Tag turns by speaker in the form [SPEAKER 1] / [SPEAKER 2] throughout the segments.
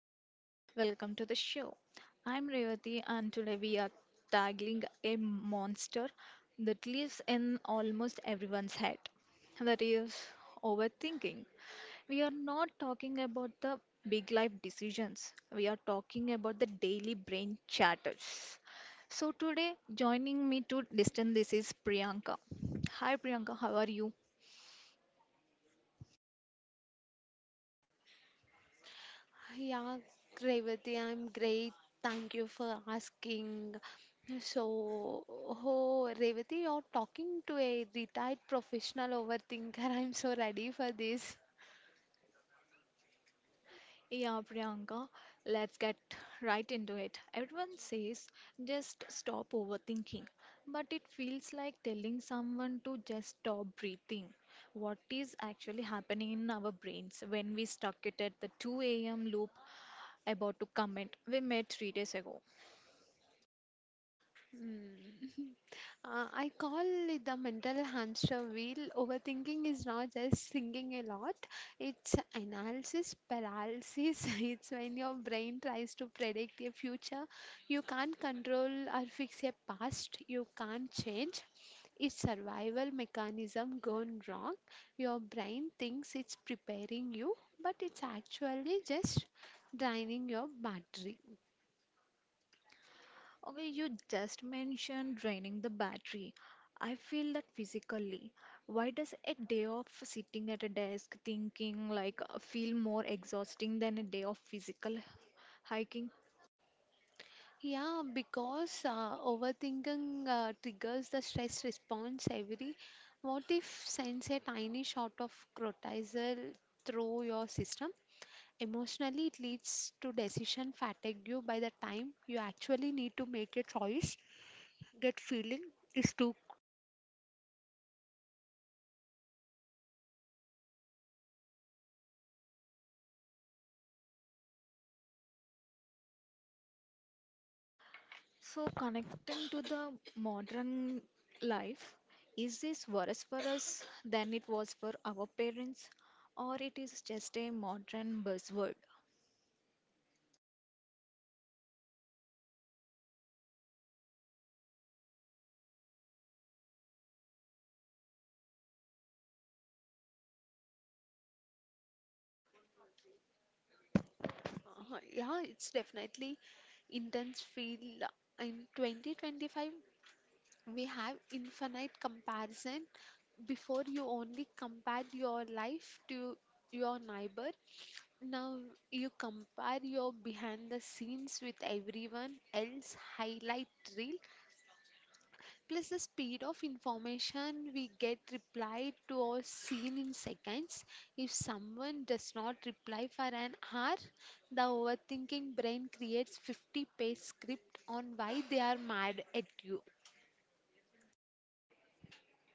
[SPEAKER 1] everyone, welcome to the show. I'm Revati and today we are tackling a monster that lives in almost everyone's head. That is overthinking. We are not talking about the big life decisions. We are talking about the daily brain chatters. So today joining me to listen this is Priyanka. Hi Priyanka, how are you?
[SPEAKER 2] Yeah, Revati, I'm great. Thank you for asking. So, oh, Revati, you're talking to a retired professional overthinker. I'm so ready for this.
[SPEAKER 1] Yeah, Priyanka, let's get right into it. Everyone says just stop overthinking, but it feels like telling someone to just stop breathing. What is actually happening in our brains when we stuck it at the 2 a.m. loop about to comment we met 3 days ago?
[SPEAKER 2] Hmm. I call it the mental hamster wheel. Overthinking is not just thinking a lot, it's analysis paralysis. It's when your brain tries to predict a future you can't control or fix a past you can't change. It's survival mechanism gone wrong. Your brain thinks it's preparing you, but it's actually just draining your battery.
[SPEAKER 1] Okay, you just mentioned draining the battery. I feel that physically. Why does a day of sitting at a desk thinking like feel more exhausting than a day of physical hiking?
[SPEAKER 2] Yeah, because overthinking triggers the stress response every. What if sends a tiny shot of cortisol through your system? Emotionally, it leads to decision fatigue. You, by the time you actually need to make a choice. That feeling is too.
[SPEAKER 1] So connecting to the modern life, is this worse for us than it was for our parents, or it is just a modern buzzword?
[SPEAKER 2] Yeah, it's definitely intense feel. In 2025, we have infinite comparison. Before you only compared your life to your neighbor. Now you compare your behind the scenes with everyone else highlight reel plus the speed of information we get reply to or seen in seconds. If someone does not reply for an hour, the overthinking brain creates 50-page script on why they are mad at you.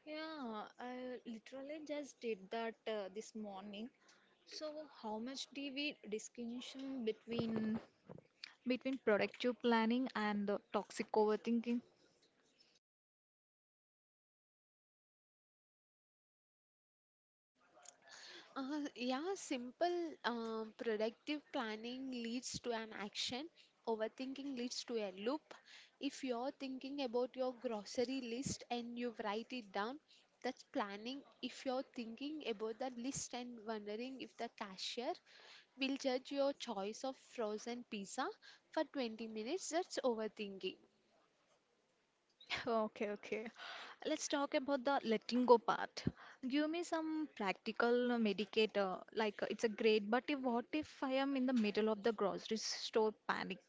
[SPEAKER 1] Yeah, I literally just did that this morning. So, how much do we distinction between productive planning and the toxic overthinking?
[SPEAKER 2] Yeah, simple, productive planning leads to an action. Overthinking leads to a loop. If you're thinking about your grocery list and you write it down, that's planning. If you're thinking about the list and wondering if the cashier will judge your choice of frozen pizza for 20 minutes, that's overthinking.
[SPEAKER 1] Okay, okay. Let's talk about the letting go part. Give me some practical medicator. Like it's a great, but if, what if I am in the middle of the grocery store panic?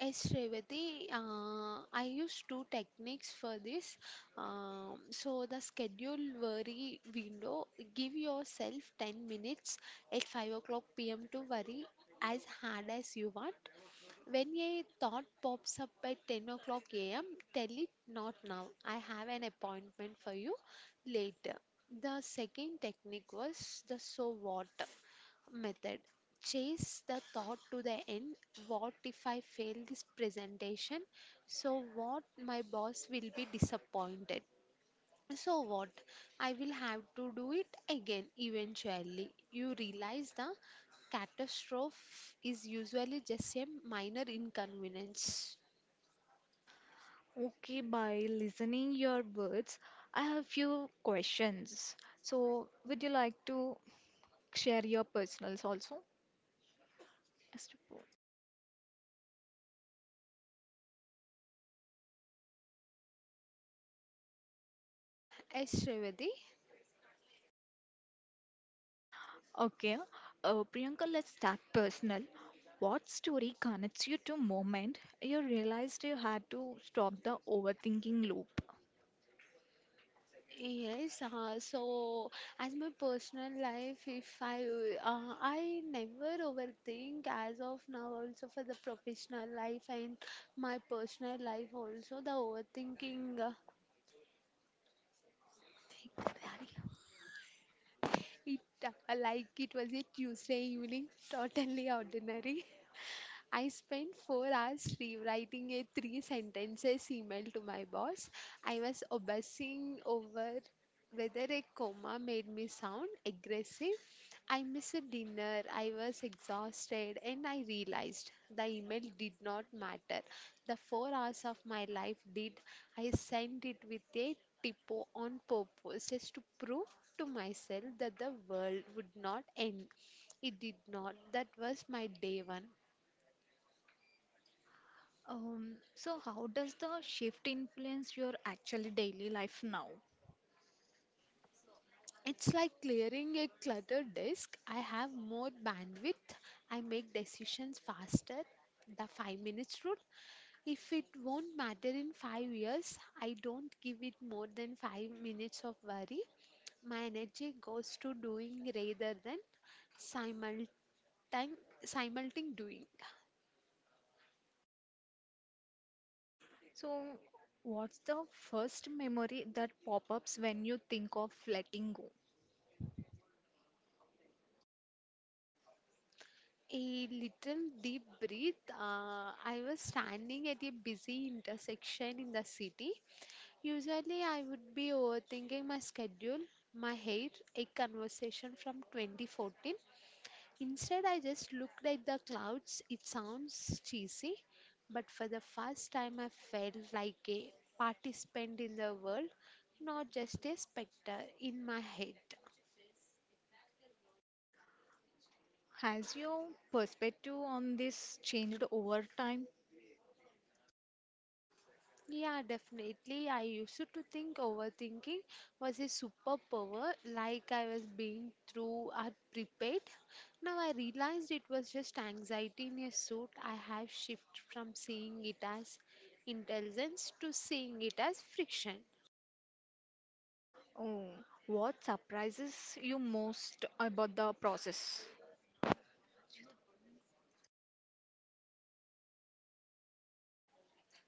[SPEAKER 2] Yes, Revati, I use two techniques for this. So the schedule worry window, give yourself 10 minutes at 5 o'clock p.m. to worry as hard as you want. When a thought pops up at 10 o'clock a.m., tell it not now. I have an appointment for you later. The second technique was the so what method. Chase the thought to the end. What if I fail this presentation? So, what, my boss will be disappointed. So, what, I will have to do it again eventually. You realize the catastrophe is usually just a minor inconvenience.
[SPEAKER 1] Okay, by listening your words, I have few questions. So, would you like to share your personals also. Yes, to both.
[SPEAKER 2] Yes, Shrevati.
[SPEAKER 1] Okay. Priyanka, let's start personal. What story connects you to moment you realized you had to stop the overthinking loop?
[SPEAKER 2] Yes, so as my personal life, if I I never overthink as of now also for the professional life, and my personal life also the overthinking. it Like it was a Tuesday evening, totally ordinary. I spent 4 hours rewriting a three sentences email to my boss. I was obsessing over whether a comma made me sound aggressive. I missed a dinner, I was exhausted, and I realized the email did not matter. The 4 hours of my life did. I sent it with a typo on purpose just to prove to myself that the world would not end. It did not. That was my day one.
[SPEAKER 1] So how does the shift influence your actually daily life now?
[SPEAKER 2] It's like clearing a cluttered desk. I have more bandwidth. I make decisions faster. The 5 minutes rule. If it won't matter in 5 years, I don't give it more than 5 minutes of worry. My energy goes to doing rather than simultan- simultaneous doing.
[SPEAKER 1] So, what's the first memory that pop-ups when you think of letting go?
[SPEAKER 2] A little deep breath. I was standing at a busy intersection in the city. Usually, I would be overthinking my schedule, my hair, a conversation from 2014. Instead, I just looked at the clouds. It sounds cheesy, but for the first time, I felt like a participant in the world, not just a specter in my head.
[SPEAKER 1] Has your perspective on this changed over time?
[SPEAKER 2] Yeah, definitely. I used to think overthinking was a superpower, like I was being through or prepared. Now I realized it was just anxiety in a suit. I have shifted from seeing it as intelligence to seeing it as friction.
[SPEAKER 1] Oh, what surprises you most about the process?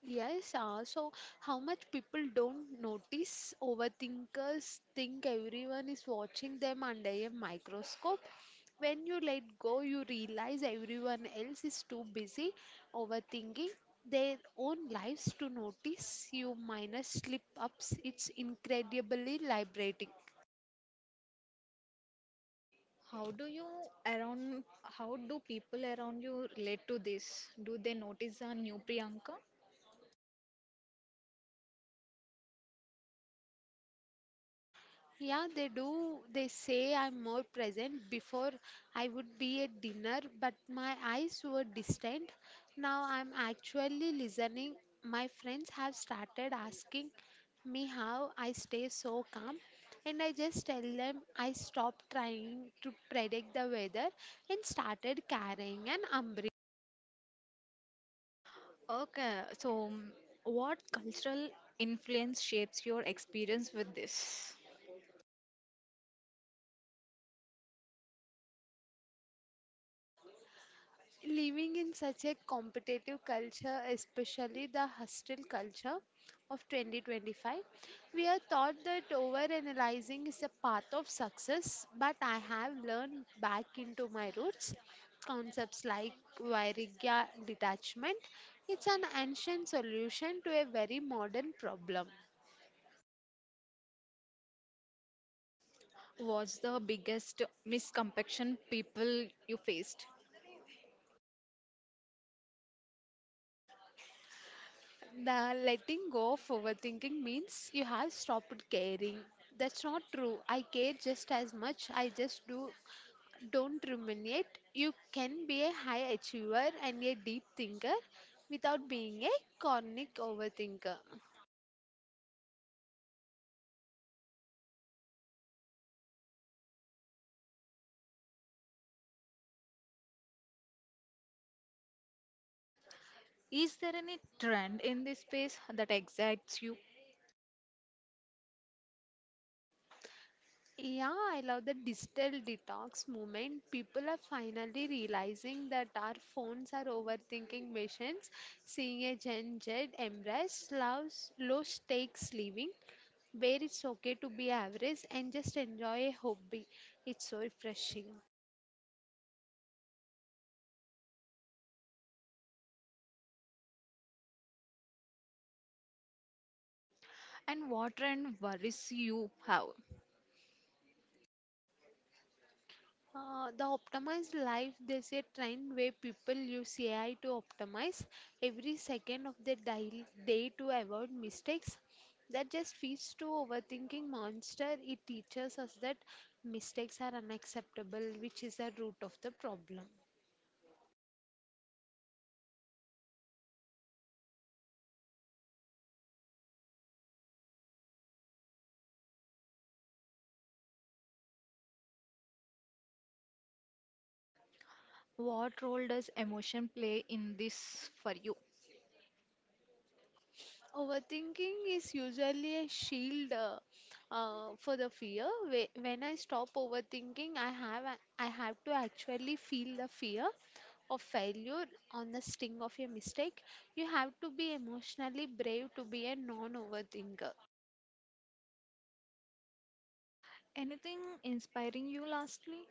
[SPEAKER 2] Yes, so how much people don't notice overthinkers think everyone is watching them under a microscope. When you let go, you realize everyone else is too busy overthinking their own lives to notice you minor slip ups. It's incredibly liberating.
[SPEAKER 1] How do you around, how do people around you relate to this? Do they notice a new Priyanka?
[SPEAKER 2] Yeah, they do. They say I'm more present. Before I would be at dinner, but my eyes were distant. Now I'm actually listening. My friends have started asking me how I stay so calm, and I just tell them I stopped trying to predict the weather and started carrying an umbrella.
[SPEAKER 1] Okay, so what cultural influence shapes your experience with this?
[SPEAKER 2] Living in such a competitive culture, especially the hostile culture of 2025, we are taught that overanalyzing is a path of success, but I have learned back into my roots. Concepts like Vairagya detachment, it's an ancient solution to a very modern problem.
[SPEAKER 1] What's the biggest misconception people you faced?
[SPEAKER 2] The letting go of overthinking means you have stopped caring. That's not true. I care just as much. I just do. Don't ruminate. You can be a high achiever and a deep thinker without being a chronic overthinker.
[SPEAKER 1] Is there any trend in this space that excites you?
[SPEAKER 2] Yeah, I love the digital detox movement. People are finally realizing that our phones are overthinking machines. Seeing a Gen Z embrace low stakes living, where it's okay to be average and just enjoy a hobby. It's so refreshing.
[SPEAKER 1] And what trend worries you have?
[SPEAKER 2] The optimized life, they say, trend where people use AI to optimize every second of their day to avoid mistakes. That just feeds to overthinking monster. It teaches us that mistakes are unacceptable, which is the root of the problem.
[SPEAKER 1] What role does emotion play in this for you?
[SPEAKER 2] Overthinking is usually a shield for the fear. When I stop overthinking, I have to actually feel the fear of failure on the sting of a mistake. You have to be emotionally brave to be a non-overthinker.
[SPEAKER 1] Anything inspiring you lastly?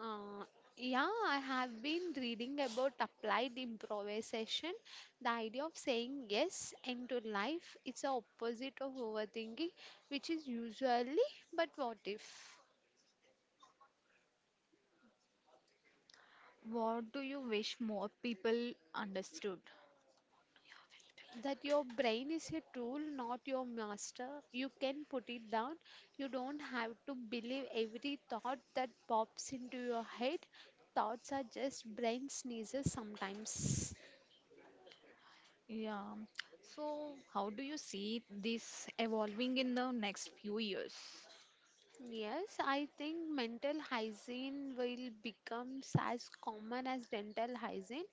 [SPEAKER 2] Uh, yeah, I have been reading about applied improvisation, the idea of saying yes into life. It's the opposite of overthinking, which is usually, but what if?
[SPEAKER 1] What do you wish more people understood?
[SPEAKER 2] That your brain is a tool, not your master. You can put it down. You don't have to believe every thought that pops into your head. Thoughts are just brain sneezes sometimes.
[SPEAKER 1] Yeah. So, how do you see this evolving in the next few years?
[SPEAKER 2] Yes, I think mental hygiene will become as common as dental hygiene.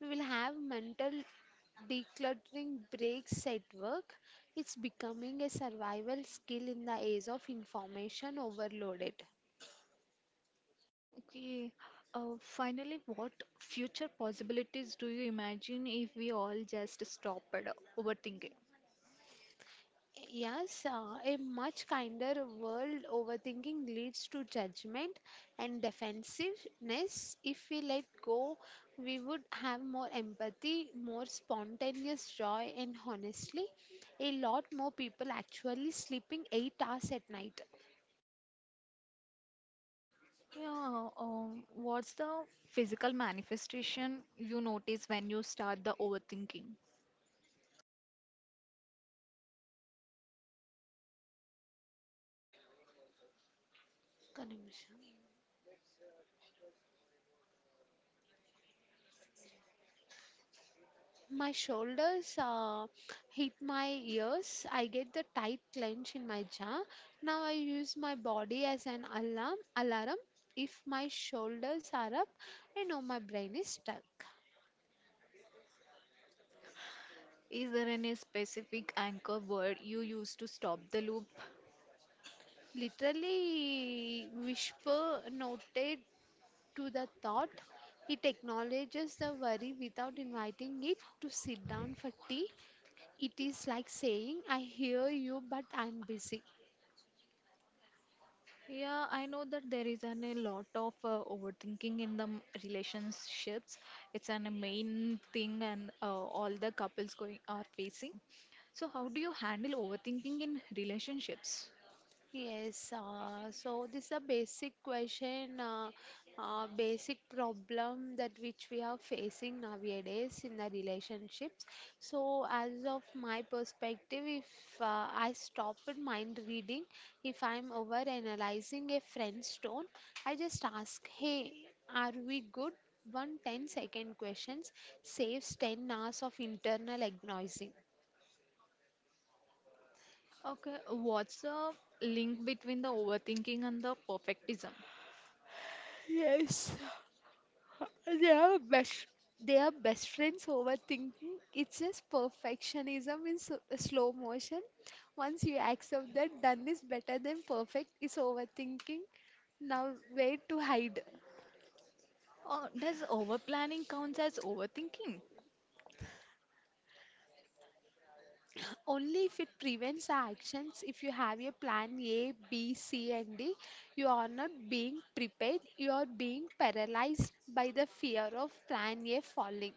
[SPEAKER 2] We will have mental decluttering breaks at work. It's becoming a survival skill in the age of information overloaded.
[SPEAKER 1] Okay. Finally, what future possibilities do you imagine if we all just stopped overthinking?
[SPEAKER 2] Yes, a much kinder world. Overthinking leads to judgment and defensiveness. If we let go, we would have more empathy, more spontaneous joy, and honestly, a lot more people actually sleeping 8 hours at night.
[SPEAKER 1] Yeah, what's the physical manifestation you notice when you start the overthinking?
[SPEAKER 2] Kanika. My shoulders hit my ears. I get the tight clench in my jaw. Now I use my body as an alarm. Alarm. If my shoulders are up, I know my brain is stuck.
[SPEAKER 1] Is there any specific anchor word you use to stop the loop?
[SPEAKER 2] Literally, whisper noted to the thought. It acknowledges the worry without inviting it to sit down for tea. It is like saying, I hear you, but I'm busy.
[SPEAKER 1] Yeah, I know that there is a lot of overthinking in the relationships. It's a main thing, and all the couples going are facing. So, how do you handle overthinking in relationships?
[SPEAKER 2] Yes, so this is a basic question, basic problem that which we are facing nowadays in the relationships. So, as of my perspective, if I stop at mind reading, if I'm over analyzing a friend's tone, I just ask, "Hey, are we good?" One 10 second questions saves 10 hours of internal agonizing.
[SPEAKER 1] Okay, what's the link between the overthinking and the perfectism?
[SPEAKER 2] Yes. Uh, They are best. They are best friends, overthinking. It's just perfectionism in s slow motion. Once you accept that done is better than perfect, it's overthinking. Now, where to hide?
[SPEAKER 1] Does overplanning count as overthinking?
[SPEAKER 2] Only if it prevents actions. If you have your plan A, B, C, and D, you are not being prepared. You are being paralyzed by the fear of plan A falling.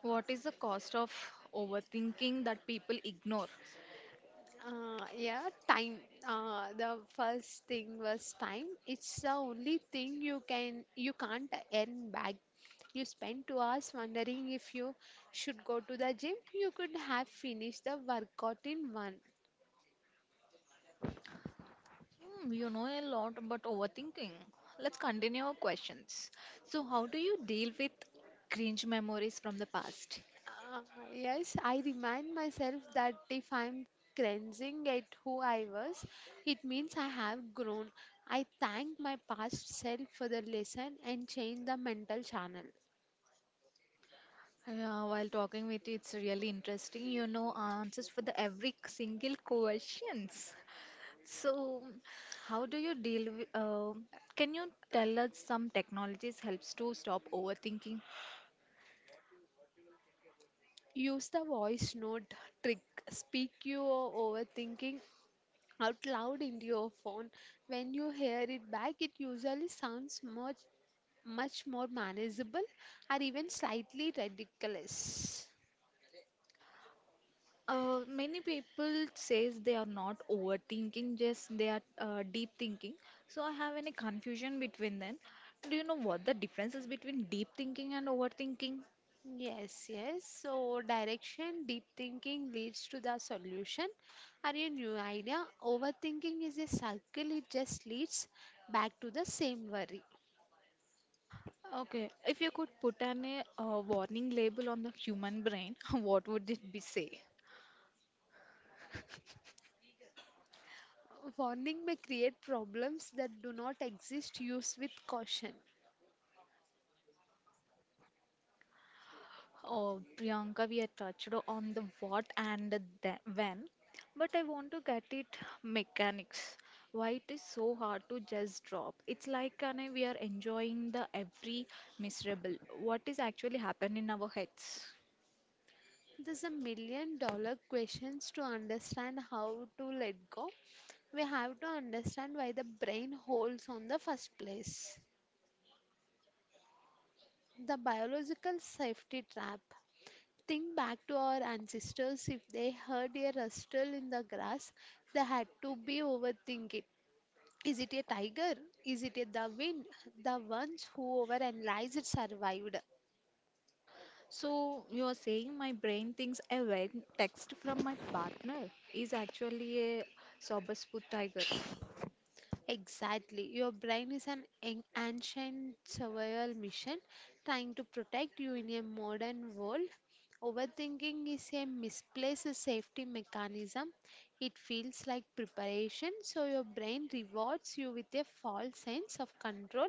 [SPEAKER 1] What is the cost of overthinking that people ignore?
[SPEAKER 2] Yeah, time. The first thing was time. It's the only thing you can't earn back. You spend 2 hours wondering if you should go to the gym. You could have finished the workout in one.
[SPEAKER 1] Hmm, you know a lot about overthinking. Let's continue our questions. So, how do you deal with cringe memories from the past?
[SPEAKER 2] Uh, yes, I remind myself that if I'm cringing at who I was, it means I have grown. I thank my past self for the lesson and change the mental channel.
[SPEAKER 1] Yeah, while talking with you, it's really interesting. You know answers for the every single questions. So, how do you deal with? Can you tell us some technologies helps to stop overthinking?
[SPEAKER 2] Use the voice note trick. Speak your overthinking out loud into your phone. When you hear it back, it usually sounds much, much more manageable or even slightly ridiculous.
[SPEAKER 1] Many people says they are not overthinking, just they are deep thinking. So I have any confusion between them. Do you know what the difference is between deep thinking and overthinking?
[SPEAKER 2] Yes, yes. So, direction, deep thinking leads to the solution or a new idea. Overthinking is a circle, it just leads back to the same worry.
[SPEAKER 1] Okay, if you could put an a warning label on the human brain, what would it be say?
[SPEAKER 2] Warning may create problems that do not exist. Use with caution.
[SPEAKER 1] Oh, Priyanka, we are touched on the what and the when, but I want to get it mechanics. Why it is so hard to just drop? It's like we are enjoying the every miserable. What is actually happening in our heads?
[SPEAKER 2] There's $1 million questions to understand how to let go. We have to understand why the brain holds on the first place. The biological safety trap. Think back to our ancestors. If they heard a rustle in the grass, they had to be overthinking. It. Is it a tiger? Is it a the wind? The ones who overanalyzed survived.
[SPEAKER 1] So you are saying my brain thinks a vague text from my partner is actually a sober spook tiger.
[SPEAKER 2] Exactly. Your brain is an ancient survival mission trying to protect you in a modern world. Overthinking is a misplaced safety mechanism. It feels like preparation, so your brain rewards you with a false sense of control.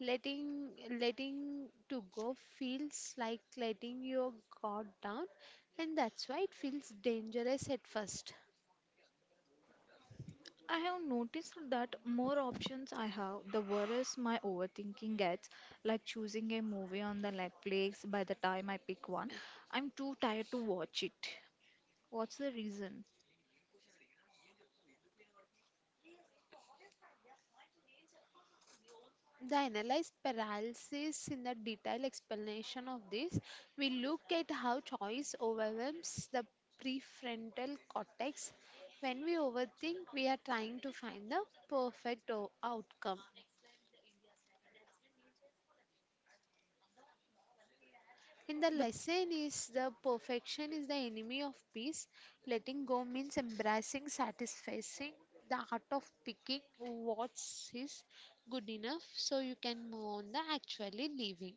[SPEAKER 2] Letting letting to go feels like letting your guard down, and that's why it feels dangerous at first.
[SPEAKER 1] I have noticed that more options I have, the worse my overthinking gets, like choosing a movie on the Netflix by the time I pick one. I'm too tired to watch it. What's the reason?
[SPEAKER 2] The analyze paralysis in the detailed explanation of this, we look at how choice overwhelms the prefrontal cortex. When we overthink, we are trying to find the perfect outcome. In the
[SPEAKER 1] The
[SPEAKER 2] lesson is the perfection is the enemy of peace. Letting go means embracing, satisfying the art of picking what is good enough so you can move on the actually living.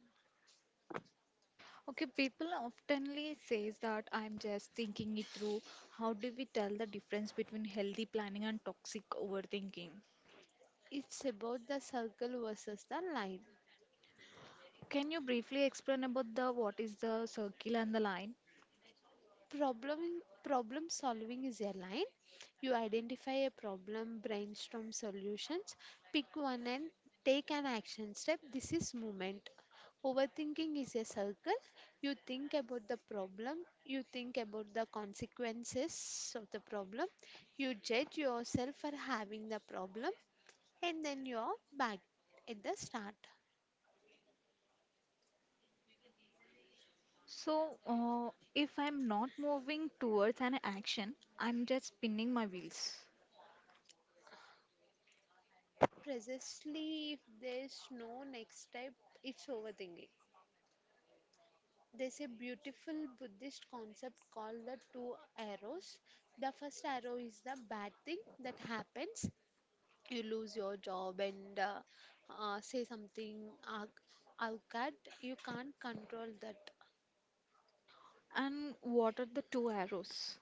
[SPEAKER 1] Okay, people oftenly says that I'm just thinking it through. How do we tell the difference between healthy planning and toxic overthinking?
[SPEAKER 2] It's about the circle versus the line.
[SPEAKER 1] Can you briefly explain about the what is the circle and the line?
[SPEAKER 2] Problem solving is a line. You identify a problem, brainstorm solutions, pick one and take an action step. This is movement. Overthinking is a circle. You think about the problem, you think about the consequences of the problem, you judge yourself for having the problem, and then you're back at the start.
[SPEAKER 1] So, if I'm not moving towards an action, I'm just spinning my wheels.
[SPEAKER 2] Precisely if there's no next step, it's overthinking. There's a beautiful Buddhist concept called the two arrows. The first arrow is the bad thing that happens. You lose your job and say something uh, out that you can't control that.
[SPEAKER 1] And what are the two arrows?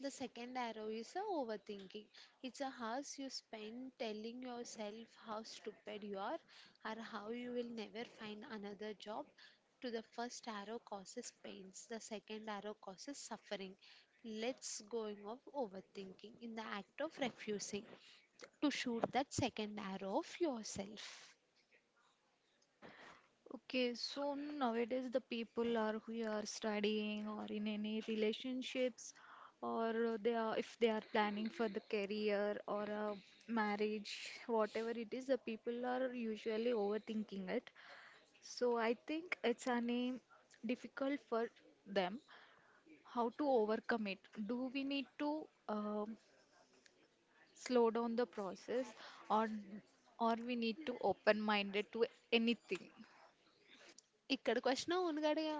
[SPEAKER 2] The second arrow is a overthinking. It's a house you spend telling yourself how stupid you are or how you will never find another job. To the first arrow causes pains, the second arrow causes suffering. Let's going of overthinking in the act of refusing to shoot that second arrow of yourself.
[SPEAKER 1] Okay, so nowadays the people are who are studying or in any relationships or they are if they are planning for the career or a marriage, whatever it is, the people are usually overthinking it. So I think it's a name difficult for them how to overcome it, do we need to slow down the process, or or we need to open minded to anything?
[SPEAKER 2] ఇక్కడికి వచ్చినా ఉనుగడుగా.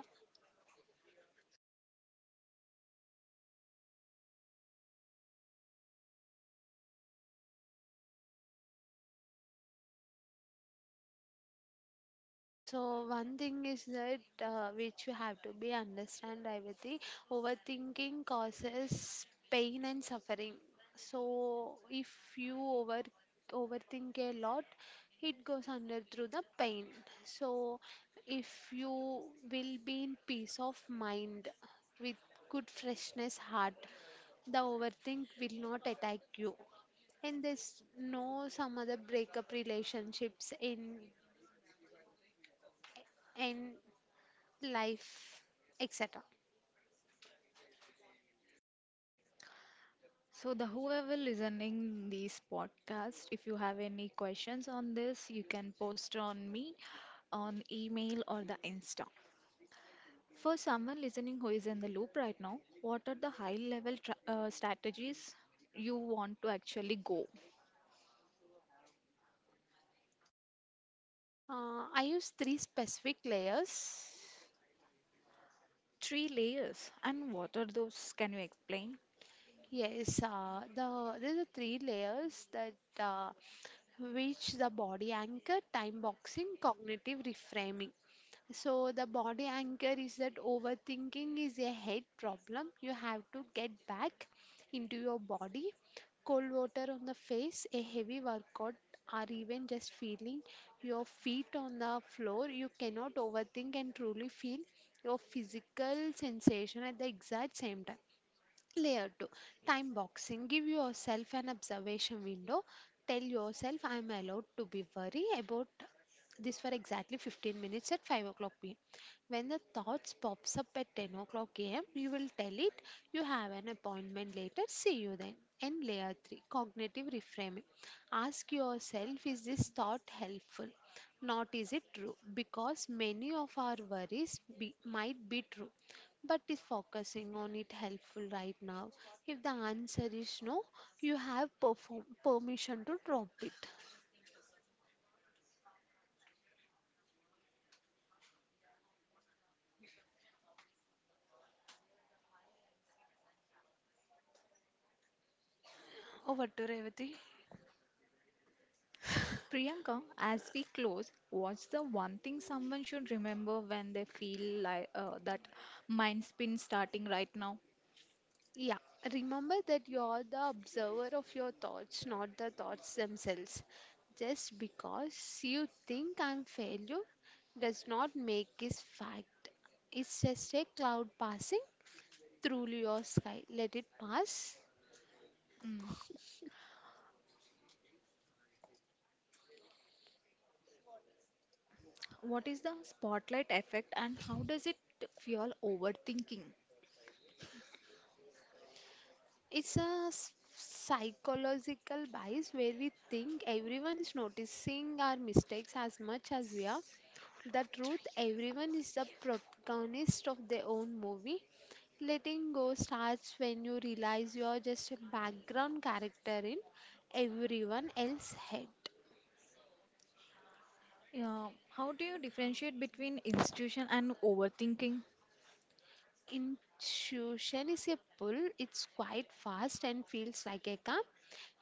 [SPEAKER 2] So one thing is that which you have to be understand Revati, overthinking causes pain and suffering. So if you overthink a lot, it goes under through the pain. So if you will be in peace of mind with good freshness heart, the overthink will not attack you and there's no some other breakup relationships in and life, etc.
[SPEAKER 1] So, the whoever listening this podcast, if you have any questions on this, you can post on me on email or the insta. For someone listening who is in the loop right now, what are the high level strategies you want to actually go?
[SPEAKER 2] I use three specific layers.
[SPEAKER 1] Three layers and what are those, can you explain?
[SPEAKER 2] Yes, there are three layers that uh, which the body anchor, time boxing, cognitive reframing. So the body anchor is that overthinking is a head problem. You have to get back into your body. Cold water on the face, a heavy workout, or even just feeling your feet on the floor. You cannot overthink and truly feel your physical sensation at the exact same time. Layer 2, time boxing. Give yourself an observation window. Tell yourself, I am allowed to be worried about this for exactly 15 minutes at 5 o'clock pm. When the thoughts pops up at 10 o'clock am, you will tell it you have an appointment later. See you then. And layer 3, cognitive reframing. Ask yourself, is this thought helpful? Not is it true? Because many of our might be true but is focusing on it helpful right now? If the answer is no, you have permission to drop it. Over to Revati.
[SPEAKER 1] Priyanka, as we close, what's the one thing someone should remember when they feel like that mind spin starting right now?
[SPEAKER 2] Yeah, remember that you are the observer of your thoughts, not the thoughts themselves. Just because you think I'm failure does not make it fact. It's just a cloud passing through your sky. Let it pass.
[SPEAKER 1] Mm. What is the spotlight effect and how does it fuel overthinking?
[SPEAKER 2] It's a psychological bias where we think everyone is noticing our mistakes as much as we are. The truth, everyone is the protagonist of their own movie. Letting go starts when you realize you are just a background character in everyone else's head.
[SPEAKER 1] Yeah, how do you differentiate between institution and overthinking?
[SPEAKER 2] Intuition is a pull, it's quite fast and feels like a calm.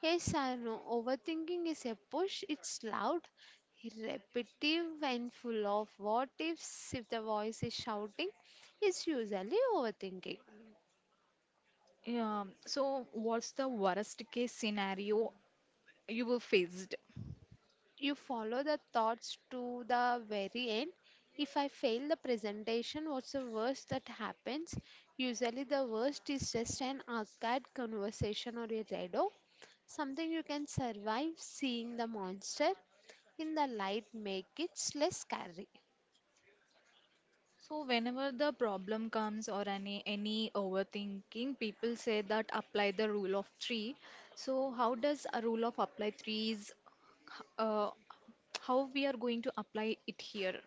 [SPEAKER 2] Yes, I know. Overthinking is a push. It's loud, repetitive, and full of what ifs. If the voice is shouting, it's usually overthinking.
[SPEAKER 1] Yeah, so what's the worst case scenario you were faced?
[SPEAKER 2] You follow the thoughts to the very end. If I fail the presentation, what's the worst that happens? Usually, the worst is just an awkward conversation or a redo, something you can survive seeing the monster in the light make it less scary.
[SPEAKER 1] So whenever the problem comes or any overthinking, people say that apply the rule of three. So how does a rule of apply threes, uh, how we are going to apply it here?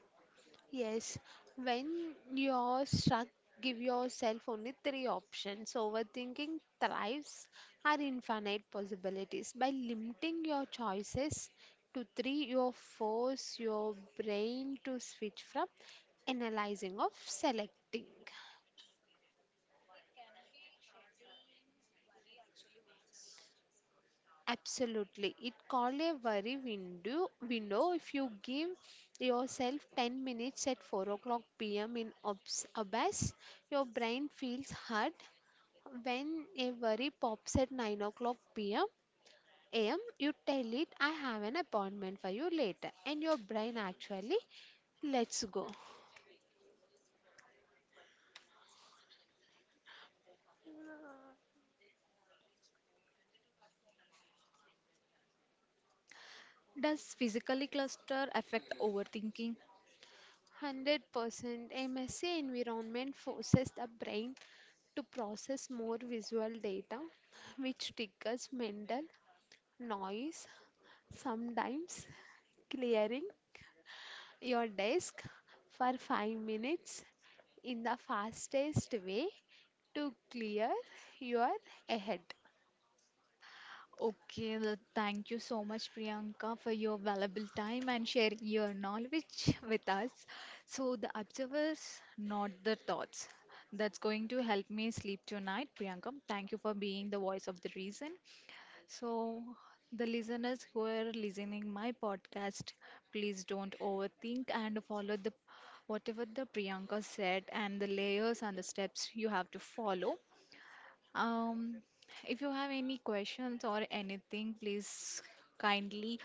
[SPEAKER 2] Yes, when you're stuck, give yourself only three options. Overthinking thrives are infinite possibilities. By limiting your choices to three, you force your brain to switch from analyzing of selecting. Absolutely. It called a worry window if you give yourself 10 minutes at 4 o'clock pm in Abbas, your brain feels hurt. When a worry pops at 9 o'clock am, you tell it, I have an appointment for you later, and your brain actually lets go.
[SPEAKER 1] Does physically cluster affect overthinking?
[SPEAKER 2] 100% a messy environment forces the brain to process more visual data, which triggers mental noise, sometimes clearing your desk for 5 minutes in the fastest way to clear your head.
[SPEAKER 1] Okay, well, thank you so much, Priyanka, for your valuable time and sharing your knowledge with us. So, the observers, not the thoughts. That's going to help me sleep tonight, Priyanka. Thank you for being the voice of the reason. So, the listeners who are listening my podcast, please don't overthink and follow the whatever the Priyanka said and the layers and the steps you have to follow. Um, if you have any questions or anything, please kindly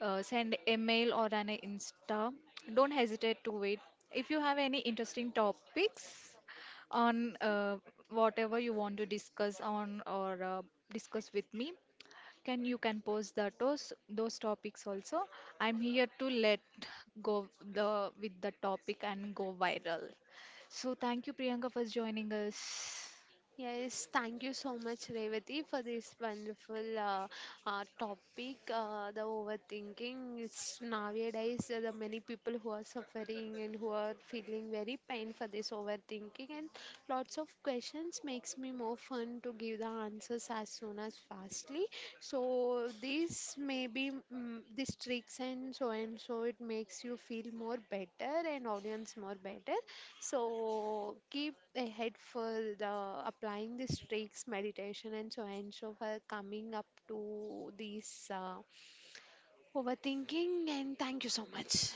[SPEAKER 1] send email or an Insta. Don't hesitate to wait. If you have any interesting topics on whatever you want to discuss on or discuss with me, can you can post that those topics also. I'm here to let go the with the topic and go viral. So thank you, Priyanka, for joining us.
[SPEAKER 2] Yes, thank you so much, Revati, for this wonderful topic. The overthinking is nowadays the many people who are suffering and who are feeling very pain for this overthinking, and lots of questions makes me more fun to give the answers as soon as fastly. So this maybe these tricks and so it makes you feel more better and audience more better. So keep ahead for the applying these tricks, meditation, and so for coming up to these overthinking. And thank you so much.